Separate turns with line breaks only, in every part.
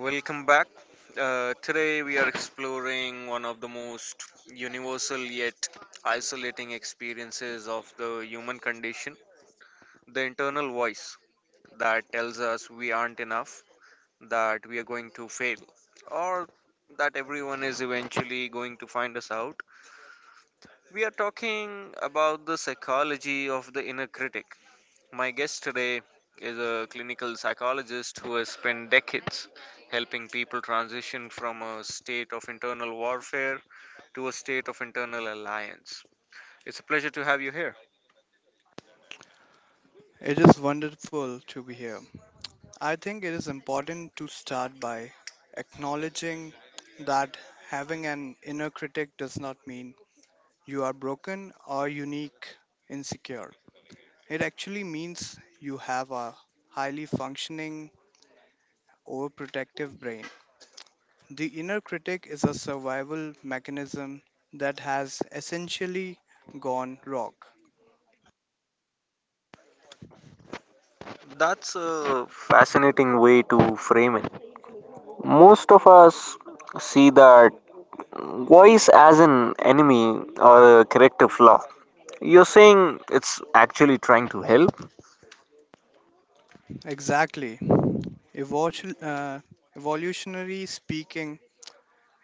Welcome back. Today we are exploring one of the most universal yet isolating experiences of the human condition, the internal voice that tells us we aren't enough, that we are going to fail, or that everyone is eventually going to find us out. We are talking about the psychology of the inner critic. My guest today is a clinical psychologist who has spent decades helping people transition from a state of internal warfare to a state of internal alliance. It's a pleasure to have you here.
It is wonderful to be here. I think it is important to start by acknowledging that having an inner critic does not mean you are broken or unique, insecure. It actually means you have a highly functioning, overprotective brain. The inner critic is a survival mechanism that has essentially gone rogue.
That's a fascinating way to frame it. Most of us see that voice as an enemy or a corrective flaw. You're saying it's actually trying to help?
Exactly. Evolution, uh, evolutionary speaking,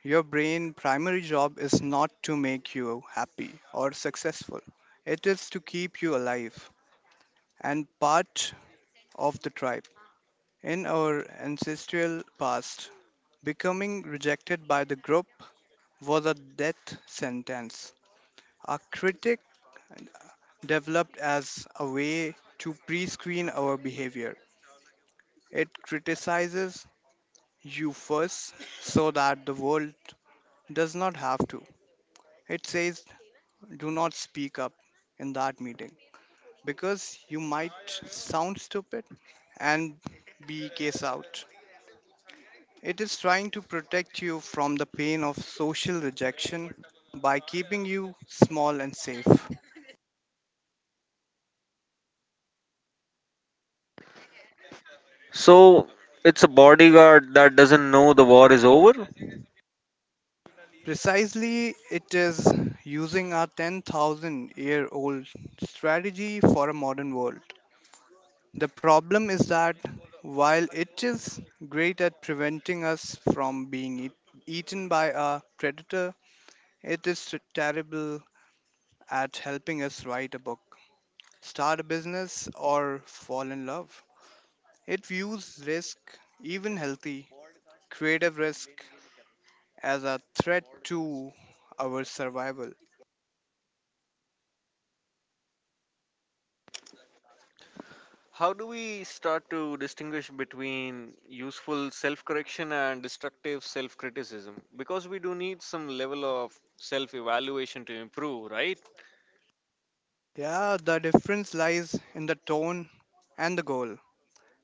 your brain primary job is not to make you happy or successful. It is to keep you alive and part of the tribe. In our ancestral past, becoming rejected by the group was a death sentence. A critic developed as a way to pre-screen our behavior. It criticizes you first so that the world does not have to. It says do not speak up in that meeting because you might sound stupid and be case out. It is trying to protect you from the pain of social rejection by keeping you small and safe.
So it's a bodyguard that doesn't know the war is over?
Precisely, it is using a 10,000 year old strategy for a modern world. The problem is that while it is great at preventing us from being eaten by a predator, it is terrible at helping us write a book, start a business, or fall in love. It views risk, even healthy, creative risk, as a threat to our survival.
How do we start to distinguish between useful self correction and destructive self criticism? Because we do need some level of self evaluation to improve, right?
Yeah, the difference lies in the tone and the goal.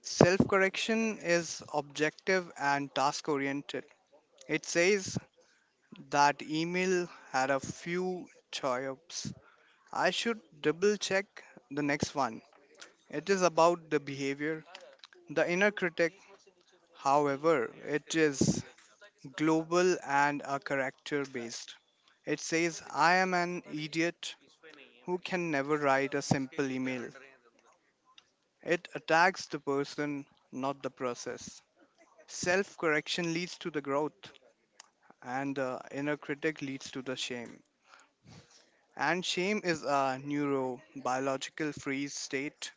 Self correction is objective and task oriented. It says that email had a few choices. I should double check the next one. It is about the behavior. The inner critic, however, it is global and a character based. It says, I am an idiot who can never write a simple email. It attacks the person, not the process. Self correction leads to the growth, and the inner critic leads to the shame. And shame is a neurobiological freeze state.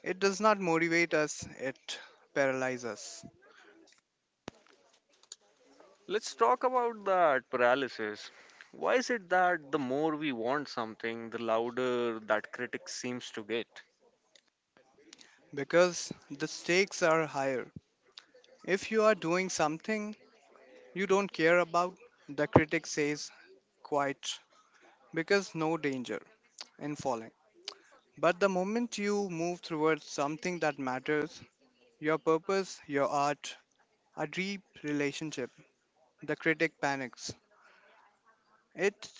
It does not motivate us, it paralyzes us.
Let's talk about that paralysis. Why is it that the more we want something, the louder that critic seems to get?
Because the stakes are higher. If you are doing something you don't care about, the critic says quite because no danger in falling. But the moment you move towards something that matters, your purpose, your art, a deep relationship, the critic panics. It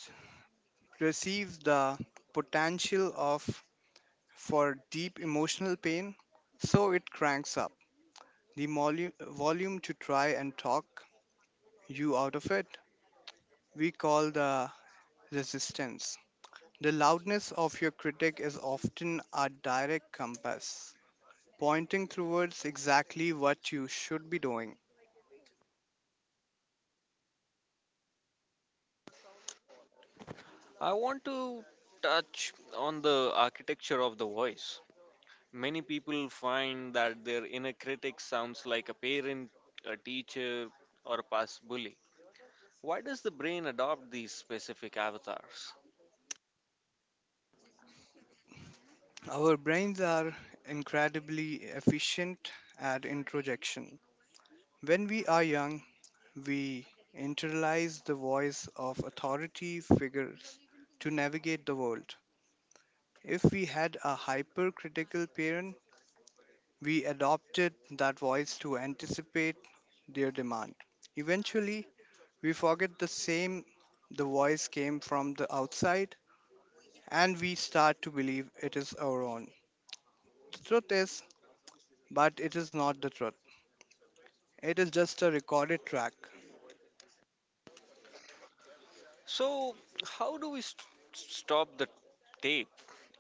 receives the potential of for deep emotional pain, so it cranks up the volume to try and talk you out of it. We call the resistance. The loudness of your critic is often a direct compass, pointing towards exactly what you should be doing.
I want to touch on the architecture of the voice. Many people find that their inner critic sounds like a parent, a teacher, or a past bully. Why does the brain adopt these specific avatars?
Our brains are incredibly efficient at introjection. When we are young, we internalize the voice of authority figures to navigate the world. If we had a hypercritical parent, we adopted that voice to anticipate their demand. Eventually, we forget the same the voice came from the outside and we start to believe it is our own. The truth is, but it is not the truth. It is just a recorded track.
So, how do stop the tape?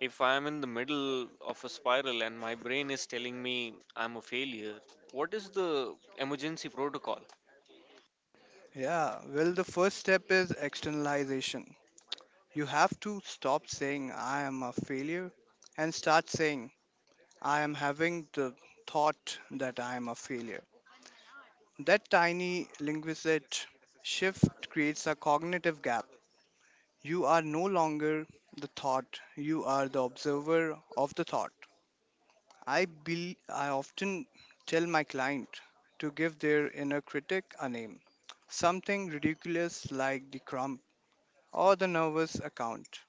If I'm in the middle of a spiral and my brain is telling me I'm a failure, what is the emergency protocol?
Yeah, well, the first step is externalization. You have to stop saying, I am a failure, and start saying, I am having the thought that I am a failure. That tiny linguistic shift creates a cognitive gap. You are no longer the thought, you are the observer of the thought. I often tell my client to give their inner critic a name, something ridiculous like the crump or the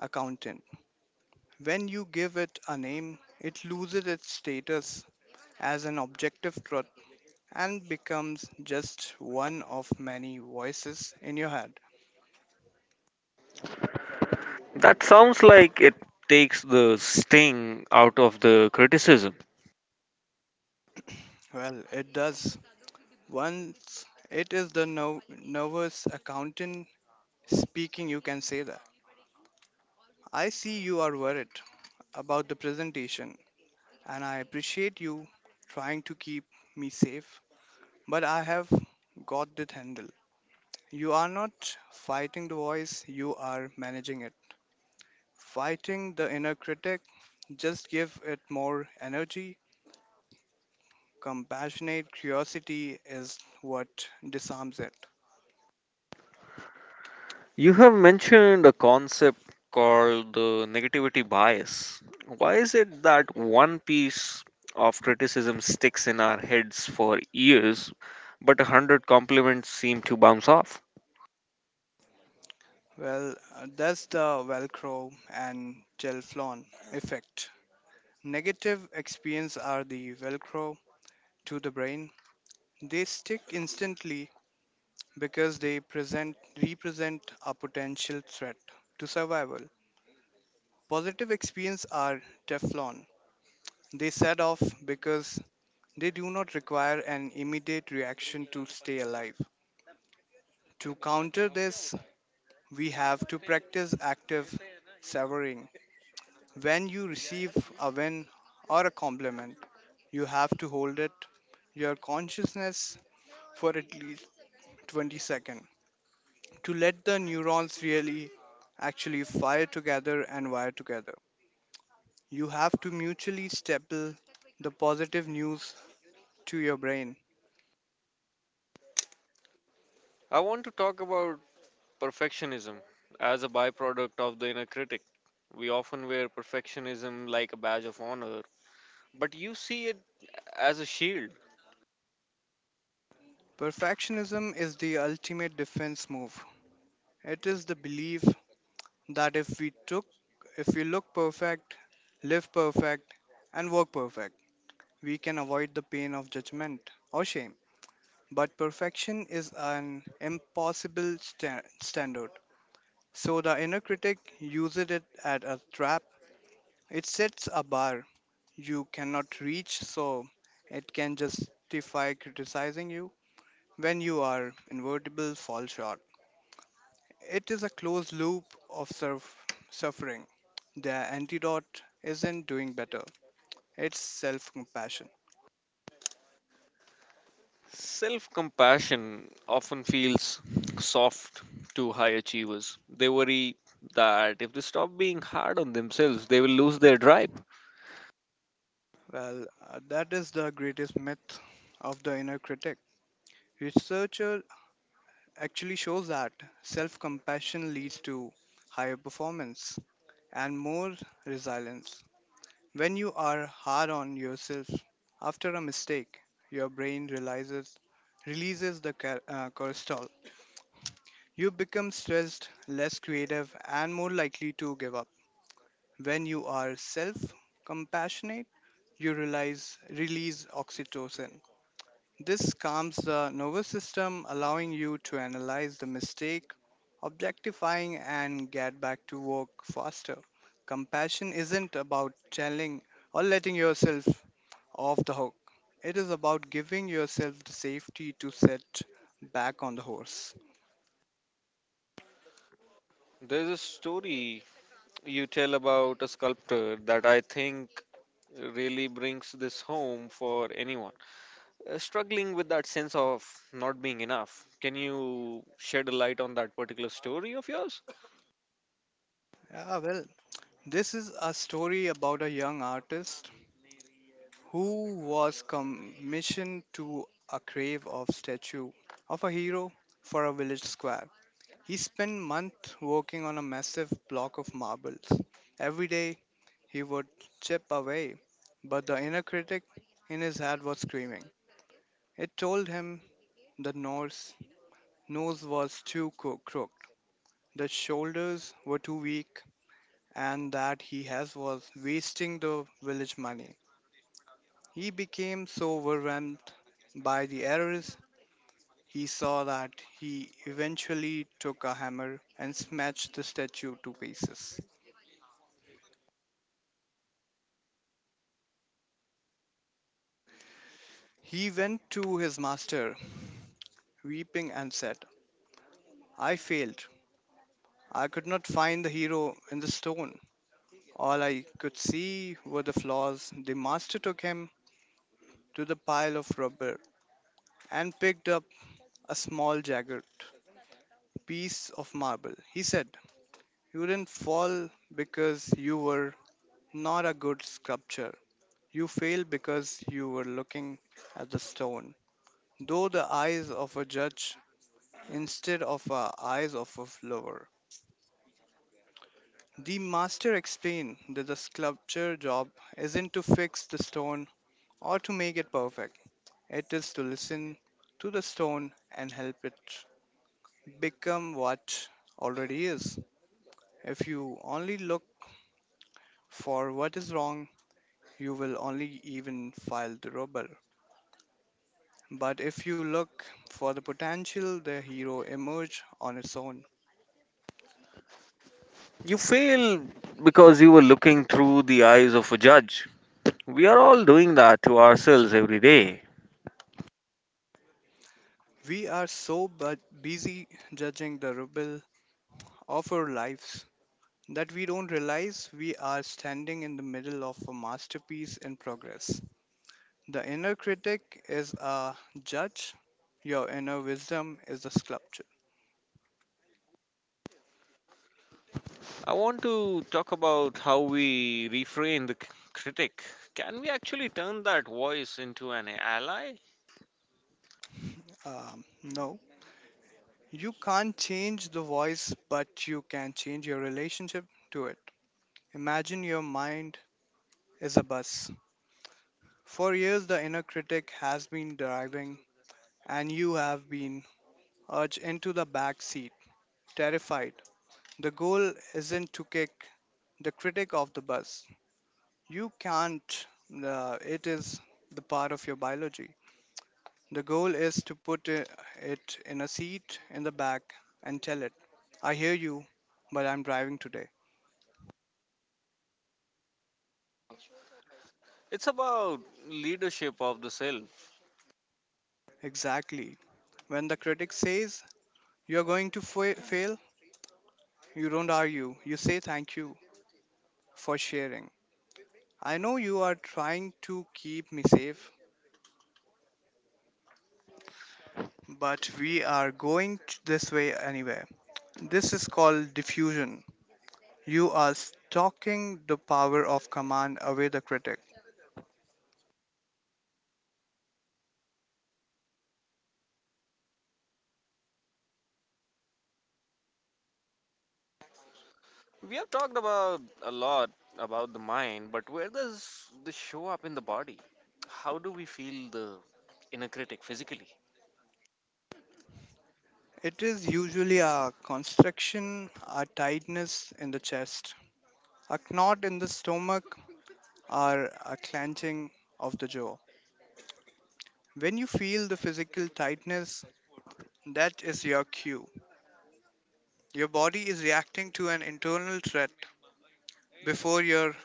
accountant. When you give it a name, it loses its status as an objective truth and becomes just one of many voices in your head.
That sounds like it takes the sting out of the criticism.
Well, it does. Once it is the nervous accountant speaking, you can say that. I see you are worried about the presentation, and I appreciate you trying to keep me safe, but I have got this handle. You are not fighting the voice, you are managing it. Fighting the inner critic, just give it more energy. Compassionate curiosity is what disarms it.
You have mentioned a concept called the negativity bias. Why is it that one piece of criticism sticks in our heads for years, but a hundred compliments seem to bounce off?
That's the Velcro and gel effect. Negative experience are the Velcro to the brain. They stick instantly because they present represent a potential threat to survival. Positive experience are Teflon. They set off because they do not require an immediate reaction to stay alive. To counter this, we have to practice active severing. When you receive a win or a compliment, you have to hold it your consciousness for at least 20 seconds to let the neurons really actually fire together and wire together. You have to mutually staple the positive news to your brain.
I want to talk about perfectionism as a byproduct of the inner critic. We often wear perfectionism like a badge of honor, but you see it as a shield.
Perfectionism is the ultimate defense move. It is the belief that if we look perfect, live perfect and work perfect. We can avoid the pain of judgment or shame, but perfection is an impossible standard. So the inner critic uses it as a trap. It sets a bar you cannot reach, so it can justify criticizing you when you are invertible fall short. It is a closed loop of suffering. The antidote isn't doing better, it's self compassion.
Self compassion often feels soft to high achievers. They worry that if they stop being hard on themselves, they will lose their drive.
That is the greatest myth of the inner critic. Researcher actually shows that self compassion leads to higher performance and more resilience. When you are hard on yourself after a mistake, your brain realizes releases the cortisol. You become stressed, less creative, and more likely to give up. When you are self compassionate, you realize release oxytocin. This calms the nervous system, allowing you to analyze the mistake, objectifying, and get back to work faster. Compassion isn't about telling or letting yourself off the hook, it is about giving yourself the safety to set back on the horse.
There's a story you tell about a sculptor that I think really brings this home for anyone struggling with that sense of not being enough. Can you shed a light on that particular story of yours?
Ah, well, this is a story about a young artist who was commissioned to a grave of statue of a hero for a village square. He spent months working on a massive block of marbles. Every day he would chip away, but the inner critic in his head was screaming. It told him the nose was too crooked, the shoulders were too weak, and that he has was wasting the village money. He became so overwhelmed by the errors he saw that he eventually took a hammer and smashed the statue to pieces. He went to his master, weeping, and said, I failed. I could not find the hero in the stone. All I could see were the flaws. The master took him to the pile of rubber and picked up a small jagged piece of marble. He said, you didn't fall because you were not a good sculptor. You failed because you were looking at the stone, though the eyes of a judge instead of the eyes of a lover. The master explained that the sculpture job isn't to fix the stone or to make it perfect. It is to listen to the stone and help it become what already is. If you only look for what is wrong, you will only even file the rubble. But if you look for the potential, the hero emerge on its own.
You fail because you were looking through the eyes of a judge. We are all doing that to ourselves every day.
We are so busy judging the rubble of our lives that we don't realize we are standing in the middle of a masterpiece in progress. The inner critic is a judge, your inner wisdom is a sculpture.
I want to talk about how we reframe critic. Can we actually turn that voice into an ally?
No, you can't change the voice, but you can change your relationship to it. Imagine your mind is a bus. For years, the inner critic has been driving, and you have been urged into the back seat, terrified. The goal isn't to kick the critic off the bus, you can't, it is the part of your biology. The goal is to put it in a seat in the back and tell it, I hear you, but I'm driving today.
It's about leadership of the self.
Exactly. When the critic says you're going to fail, you don't argue. You say thank you for sharing. I know you are trying to keep me safe, but we are going this way anyway. This is called diffusion. You are stalking the power of command away the critic.
We have talked about a lot about the mind, but where does this show up in the body? How do we feel the inner critic physically?
It is usually a constriction, a tightness in the chest, a knot in the stomach, or a clenching of the jaw. When you feel the physical tightness, that is your cue. Your body is reacting to an internal threat before your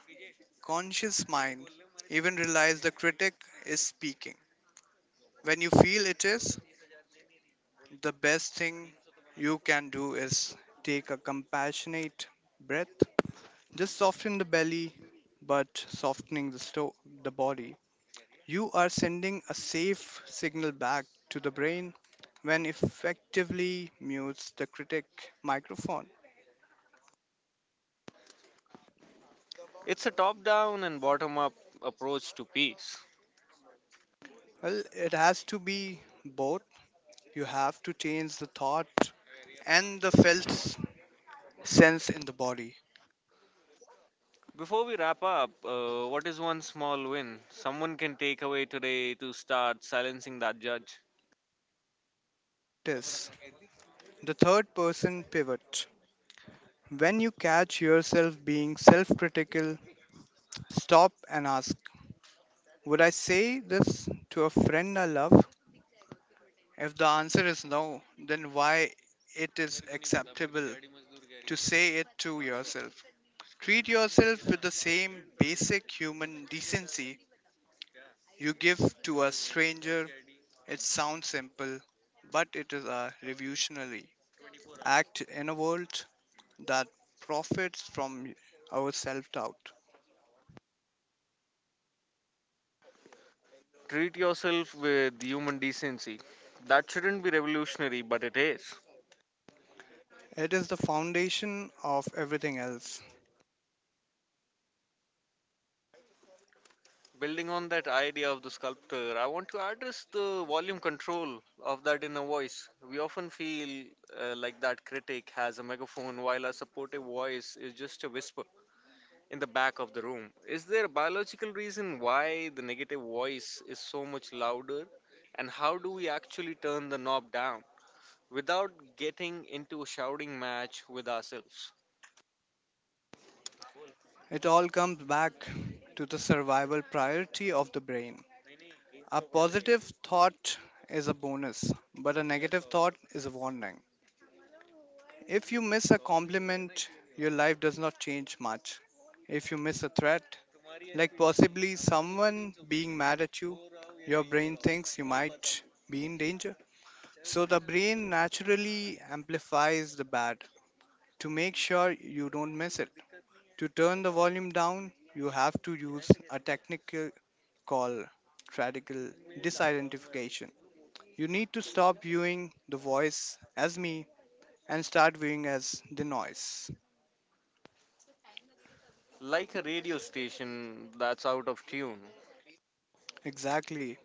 conscious mind even realizes the critic is speaking. When you feel it is, the best thing you can do is take a compassionate breath. Just soften the belly, but softening the body. You are sending a safe signal back to the brain when effectively mutes the critic microphone.
It's a top down and bottom up approach to peace.
Well, it has to be both. You have to change the thought and the felt sense in the body.
Before we wrap up, what is one small win someone can take away today to start silencing that judge?
This. The third person pivot. When you catch yourself being self critical, stop and ask, would I say this to a friend I love? If the answer is no, then why it is acceptable to say it to yourself? Treat yourself with the same basic human decency you give to a stranger. It sounds simple, but it is a revolutionary act in a world that profits from our self doubt.
Treat yourself with human decency. That shouldn't be revolutionary, but it is.
It is the foundation of everything else.
Building on that idea of the sculptor, I want to address the volume control of that inner voice. We often feel like that critic has a megaphone while our supportive voice is just a whisper in the back of the room. Is there a biological reason why the negative voice is so much louder? And how do we actually turn the knob down without getting into a shouting match with ourselves?
It all comes back to the survival priority of the brain. A positive thought is a bonus, but a negative thought is a warning. If you miss a compliment, your life does not change much. If you miss a threat, like possibly someone being mad at you, your brain thinks you might be in danger. So the brain naturally amplifies the bad to make sure you don't miss it. To turn the volume down, you have to use a technical call radical disidentification. You need to stop viewing the voice as me and start viewing as the noise.
Like a radio station that's out of tune.
Exactly.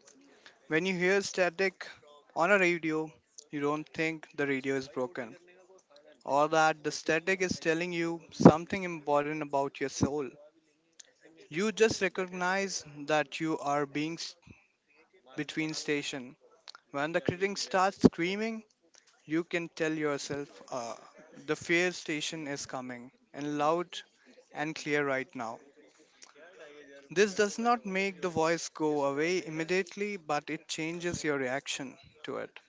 When you hear static on a radio, you don't think the radio is broken or that the static is telling you something important about your soul. You just recognize that you are being between station. When the critic starts screaming, you can tell yourself the fear station is coming and loud and clear right now. This does not make the voice go away immediately, but it changes your reaction to it.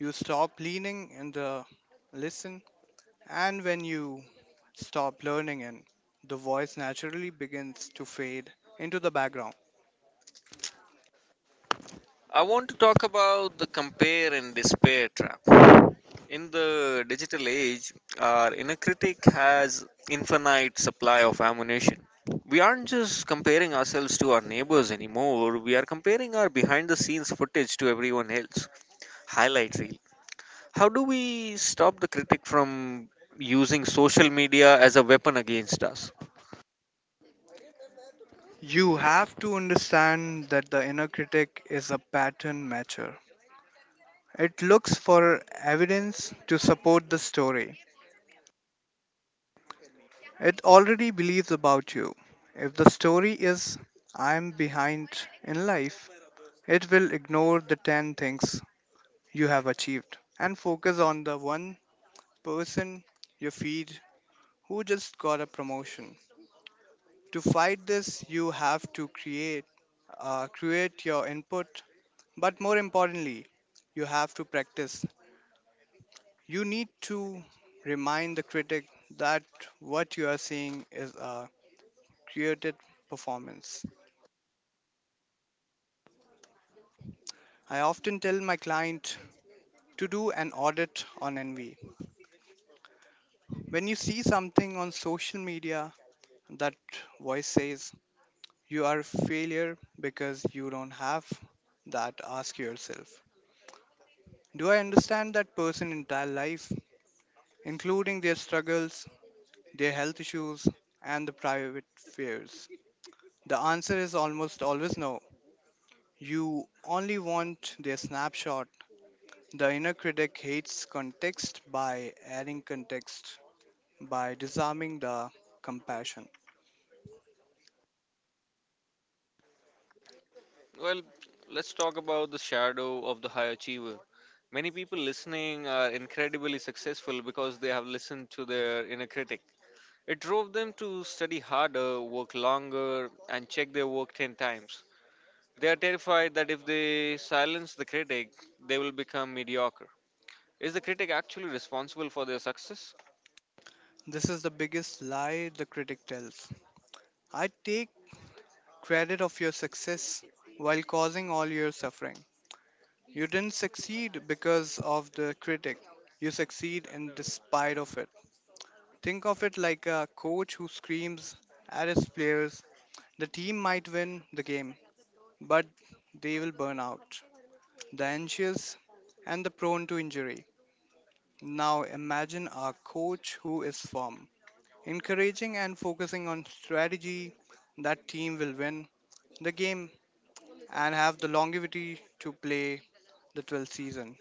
You stop leaning in the listen, and when you stop learning in, the voice naturally begins to fade into the background.
I want to talk about the compare and despair trap. In the digital age, our inner critic has infinite supply of ammunition. We aren't just comparing ourselves to our neighbors anymore, we are comparing our behind the scenes footage to everyone else. Highlight reel. How do we stop the critic from using social media as a weapon against us?
You have to understand that the inner critic is a pattern matcher. It looks for evidence to support the story it already believes about you. If the story is, I am behind in life, it will ignore the 10 things you have achieved and focus on the one person you feed who just got a promotion. To fight this, you have to create your input, but more importantly, you have to practice. You need to remind the critic that what you are seeing is a created performance. I often tell my client to do an audit on envy. When you see something on social media, that voice says, you are a failure because you don't have that. Ask yourself, do I understand that person's entire life, including their struggles, their health issues, and the private fears? The answer is almost always no. You only want their snapshot. The inner critic hates context by adding context, by disarming the compassion.
Well, let's talk about the shadow of the high achiever. Many people listening are incredibly successful because they have listened to their inner critic. It drove them to study harder, work longer, and check their work 10 times. They are terrified that if they silence the critic, they will become mediocre. Is the critic actually responsible for their success?
This is the biggest lie the critic tells. I take credit of your success while causing all your suffering. You didn't succeed because of the critic. You succeed in despite of it. Think of it like a coach who screams at his players. The team might win the game, but they will burn out. The anxious and the prone to injury. Now imagine a coach who is firm, encouraging and focusing on strategy. That team will win the game and have the longevity to play the 12th season.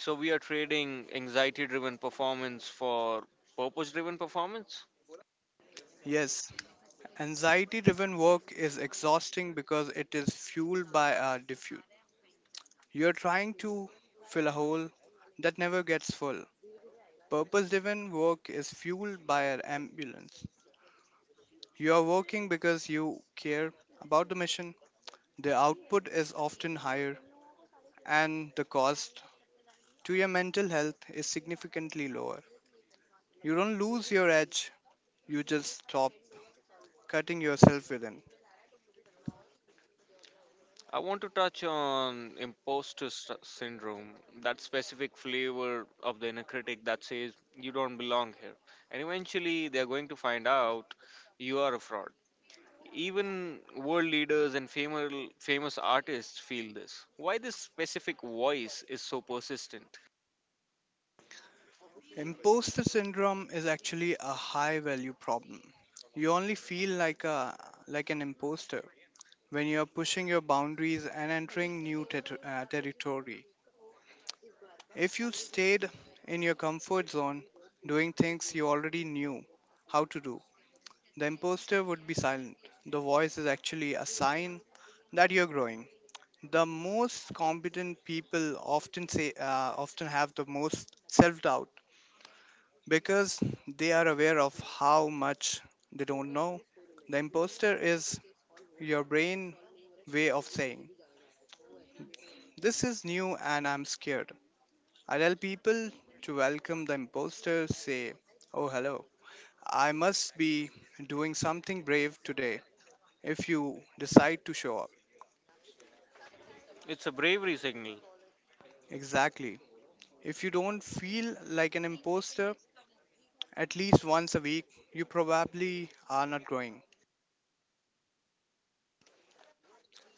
So we are trading anxiety driven performance for purpose driven performance.
Yes, anxiety driven work is exhausting because it is fueled by a diffuse. You're trying to fill a hole that never gets full. Purpose driven work is fueled by an ambulance. You are working because you care about the mission. The output is often higher, and the cost to your mental health is significantly lower. You don't lose your edge, you just stop cutting yourself within.
I want to touch on syndrome, that specific flavor of the inner critic that says you don't belong here. And eventually they are going to find out you are a fraud. Even world leaders and famous artists feel this. Why this specific voice is so persistent?
Imposter syndrome is actually a high value problem. You only feel like a like an imposter when you are pushing your boundaries and entering new territory. If you stayed in your comfort zone doing things you already knew how to do, the imposter would be silent. The voice is actually a sign that you're growing. The most competent people often have the most self-doubt because they are aware of how much they don't know. The imposter is your brain way of saying, this is new and I'm scared. I tell people to welcome the imposter, say, oh, hello, I must be doing something brave today if you decide to show up.
It's a bravery signal.
Exactly. If you don't feel like an imposter at least once a week, you probably are not growing.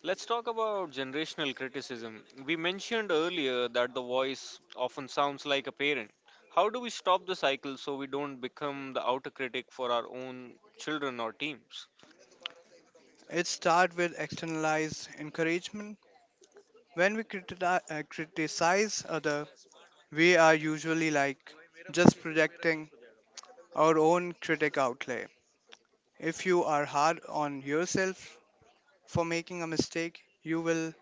Let's talk about generational criticism. We mentioned earlier that the voice often sounds like a parent. How do we stop the cycle so we don't become the outer critic for our own children or teams?
It starts with externalized encouragement. When we criticize other, we are usually like just projecting our own critic outlay. If you are hard on yourself for making a mistake, you will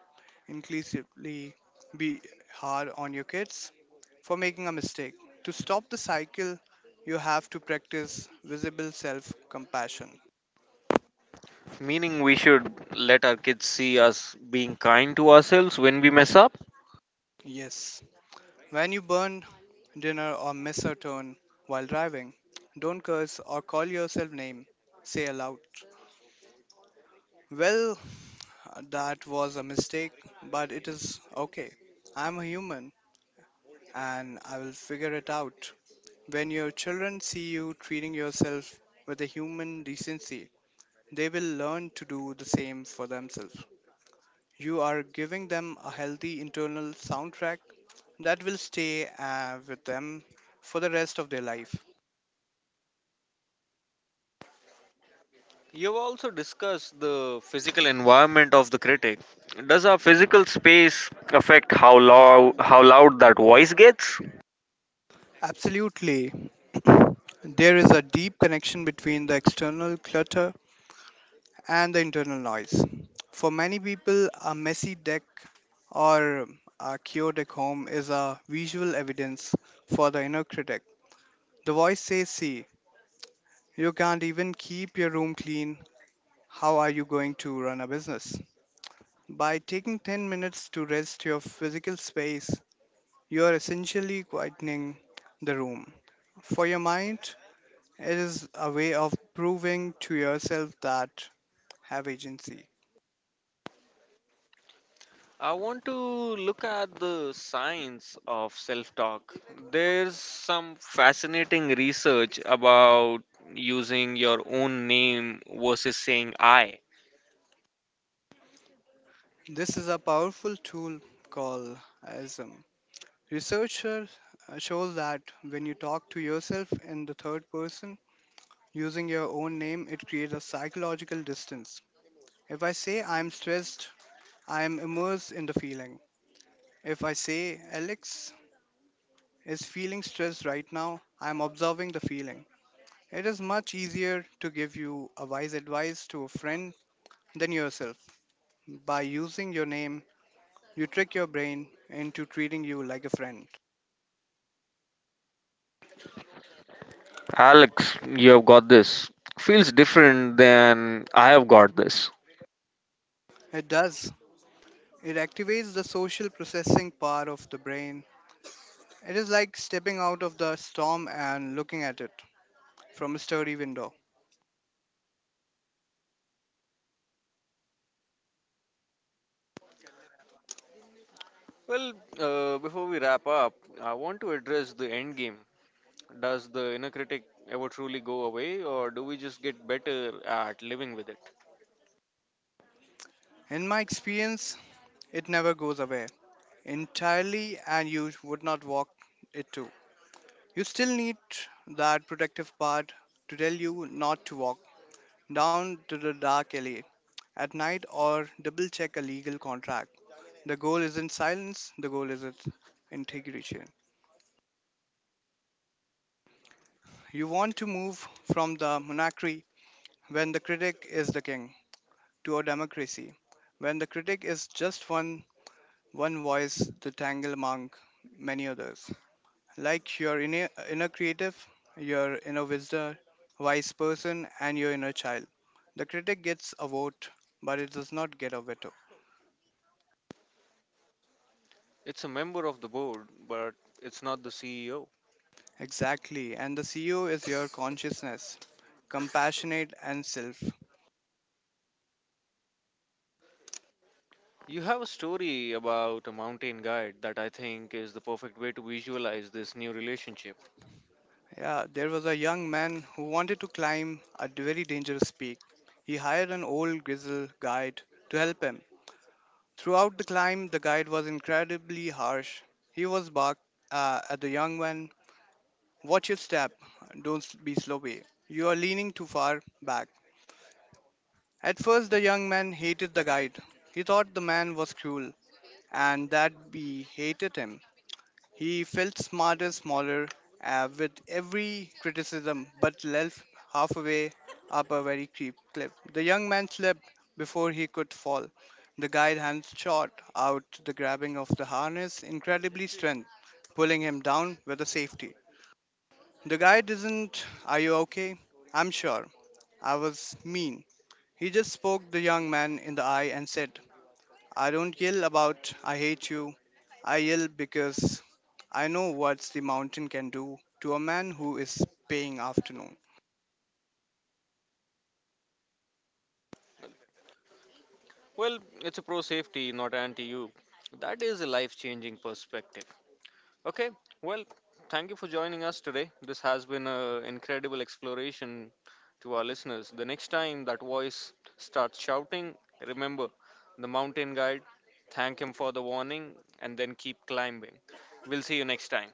inclusively be hard on your kids for making a mistake. To stop the cycle, you have to practice visible self compassion.
Meaning, we should let our kids see us being kind to ourselves when we mess up.
Yes. When you burn dinner or miss a turn while driving, don't curse or call yourself name. Say aloud. Well, that was a mistake, but it is okay. I'm a human and I will figure it out. When your children see you treating yourself with a human decency, they will learn to do the same for themselves. You are giving them a healthy internal soundtrack that will stay with them for the rest of their life.
You've also discussed the physical environment of the critic. Does our physical space affect how loud that voice gets?
Absolutely. There is a deep connection between the external clutter and the internal noise. For many people, a messy deck or a chaotic home is a visual evidence for the inner critic. The voice says, see, you can't even keep your room clean. How are you going to run a business? By taking 10 minutes to rest your physical space, you are essentially quietening the room. For your mind, it is a way of proving to yourself that have agency.
I want to look at the science of self-talk. There's some fascinating research about using your own name versus saying I.
This is a powerful tool called ASM. Researchers shows that when you talk to yourself in the third person using your own name, it creates a psychological distance. If I say I'm stressed, I am immersed in the feeling. If I say Alex is feeling stressed right now, I am observing the feeling. It is much easier to give you a wise advice to a friend than yourself. By using your name, you trick your brain into treating you like a friend.
Alex, you have got this. Feels different than I have got this.
It does. It activates the social processing part of the brain. It is like stepping out of the storm and looking at it from a sturdy window.
Well, before we wrap up, I want to address the end game. Does the inner critic ever truly go away, or do we just get better at living with it?
In my experience, it never goes away entirely, and you would not walk it too. You still need that protective part to tell you not to walk down to the dark alley at night or double check a legal contract. The goal isn't silence, the goal is its integration. You want to move from the monarchy when the critic is the king to a democracy. When the critic is just one voice to tangle among many others. Like your inner creative, your wise person, and your inner child. The critic gets a vote, but it does not get a veto.
It's a member of the board, but it's not the CEO.
Exactly, and the CEO is your consciousness, compassionate and self.
You have a story about a mountain guide that I think is the perfect way to visualize this new relationship.
Yeah, there was a young man who wanted to climb a very dangerous peak. He hired an old grizzled guide to help him. Throughout the climb, the guide was incredibly harsh. He was barked at the young man, watch your step, don't be sloppy. You are leaning too far back. At first, the young man hated the guide. He thought the man was cruel and that he hated him. He felt smaller with every criticism, but left halfway up a very steep cliff. The young man slipped before he could fall. The guide hands shot out the grabbing of the harness, incredibly strength, pulling him down with a safety. The guide isn't, are you okay? I'm sure. I was mean. He just spoke the young man in the eye and said, I don't yell about I hate you. I yell because I know what the mountain can do to a man who is paying afternoon.
Well, it's a pro safety, not anti you. That is a life changing perspective. Okay, well, thank you for joining us today. This has been an incredible exploration to our listeners. The next time that voice starts shouting, remember the mountain guide, thank him for the warning, and then keep climbing. We'll see you next time.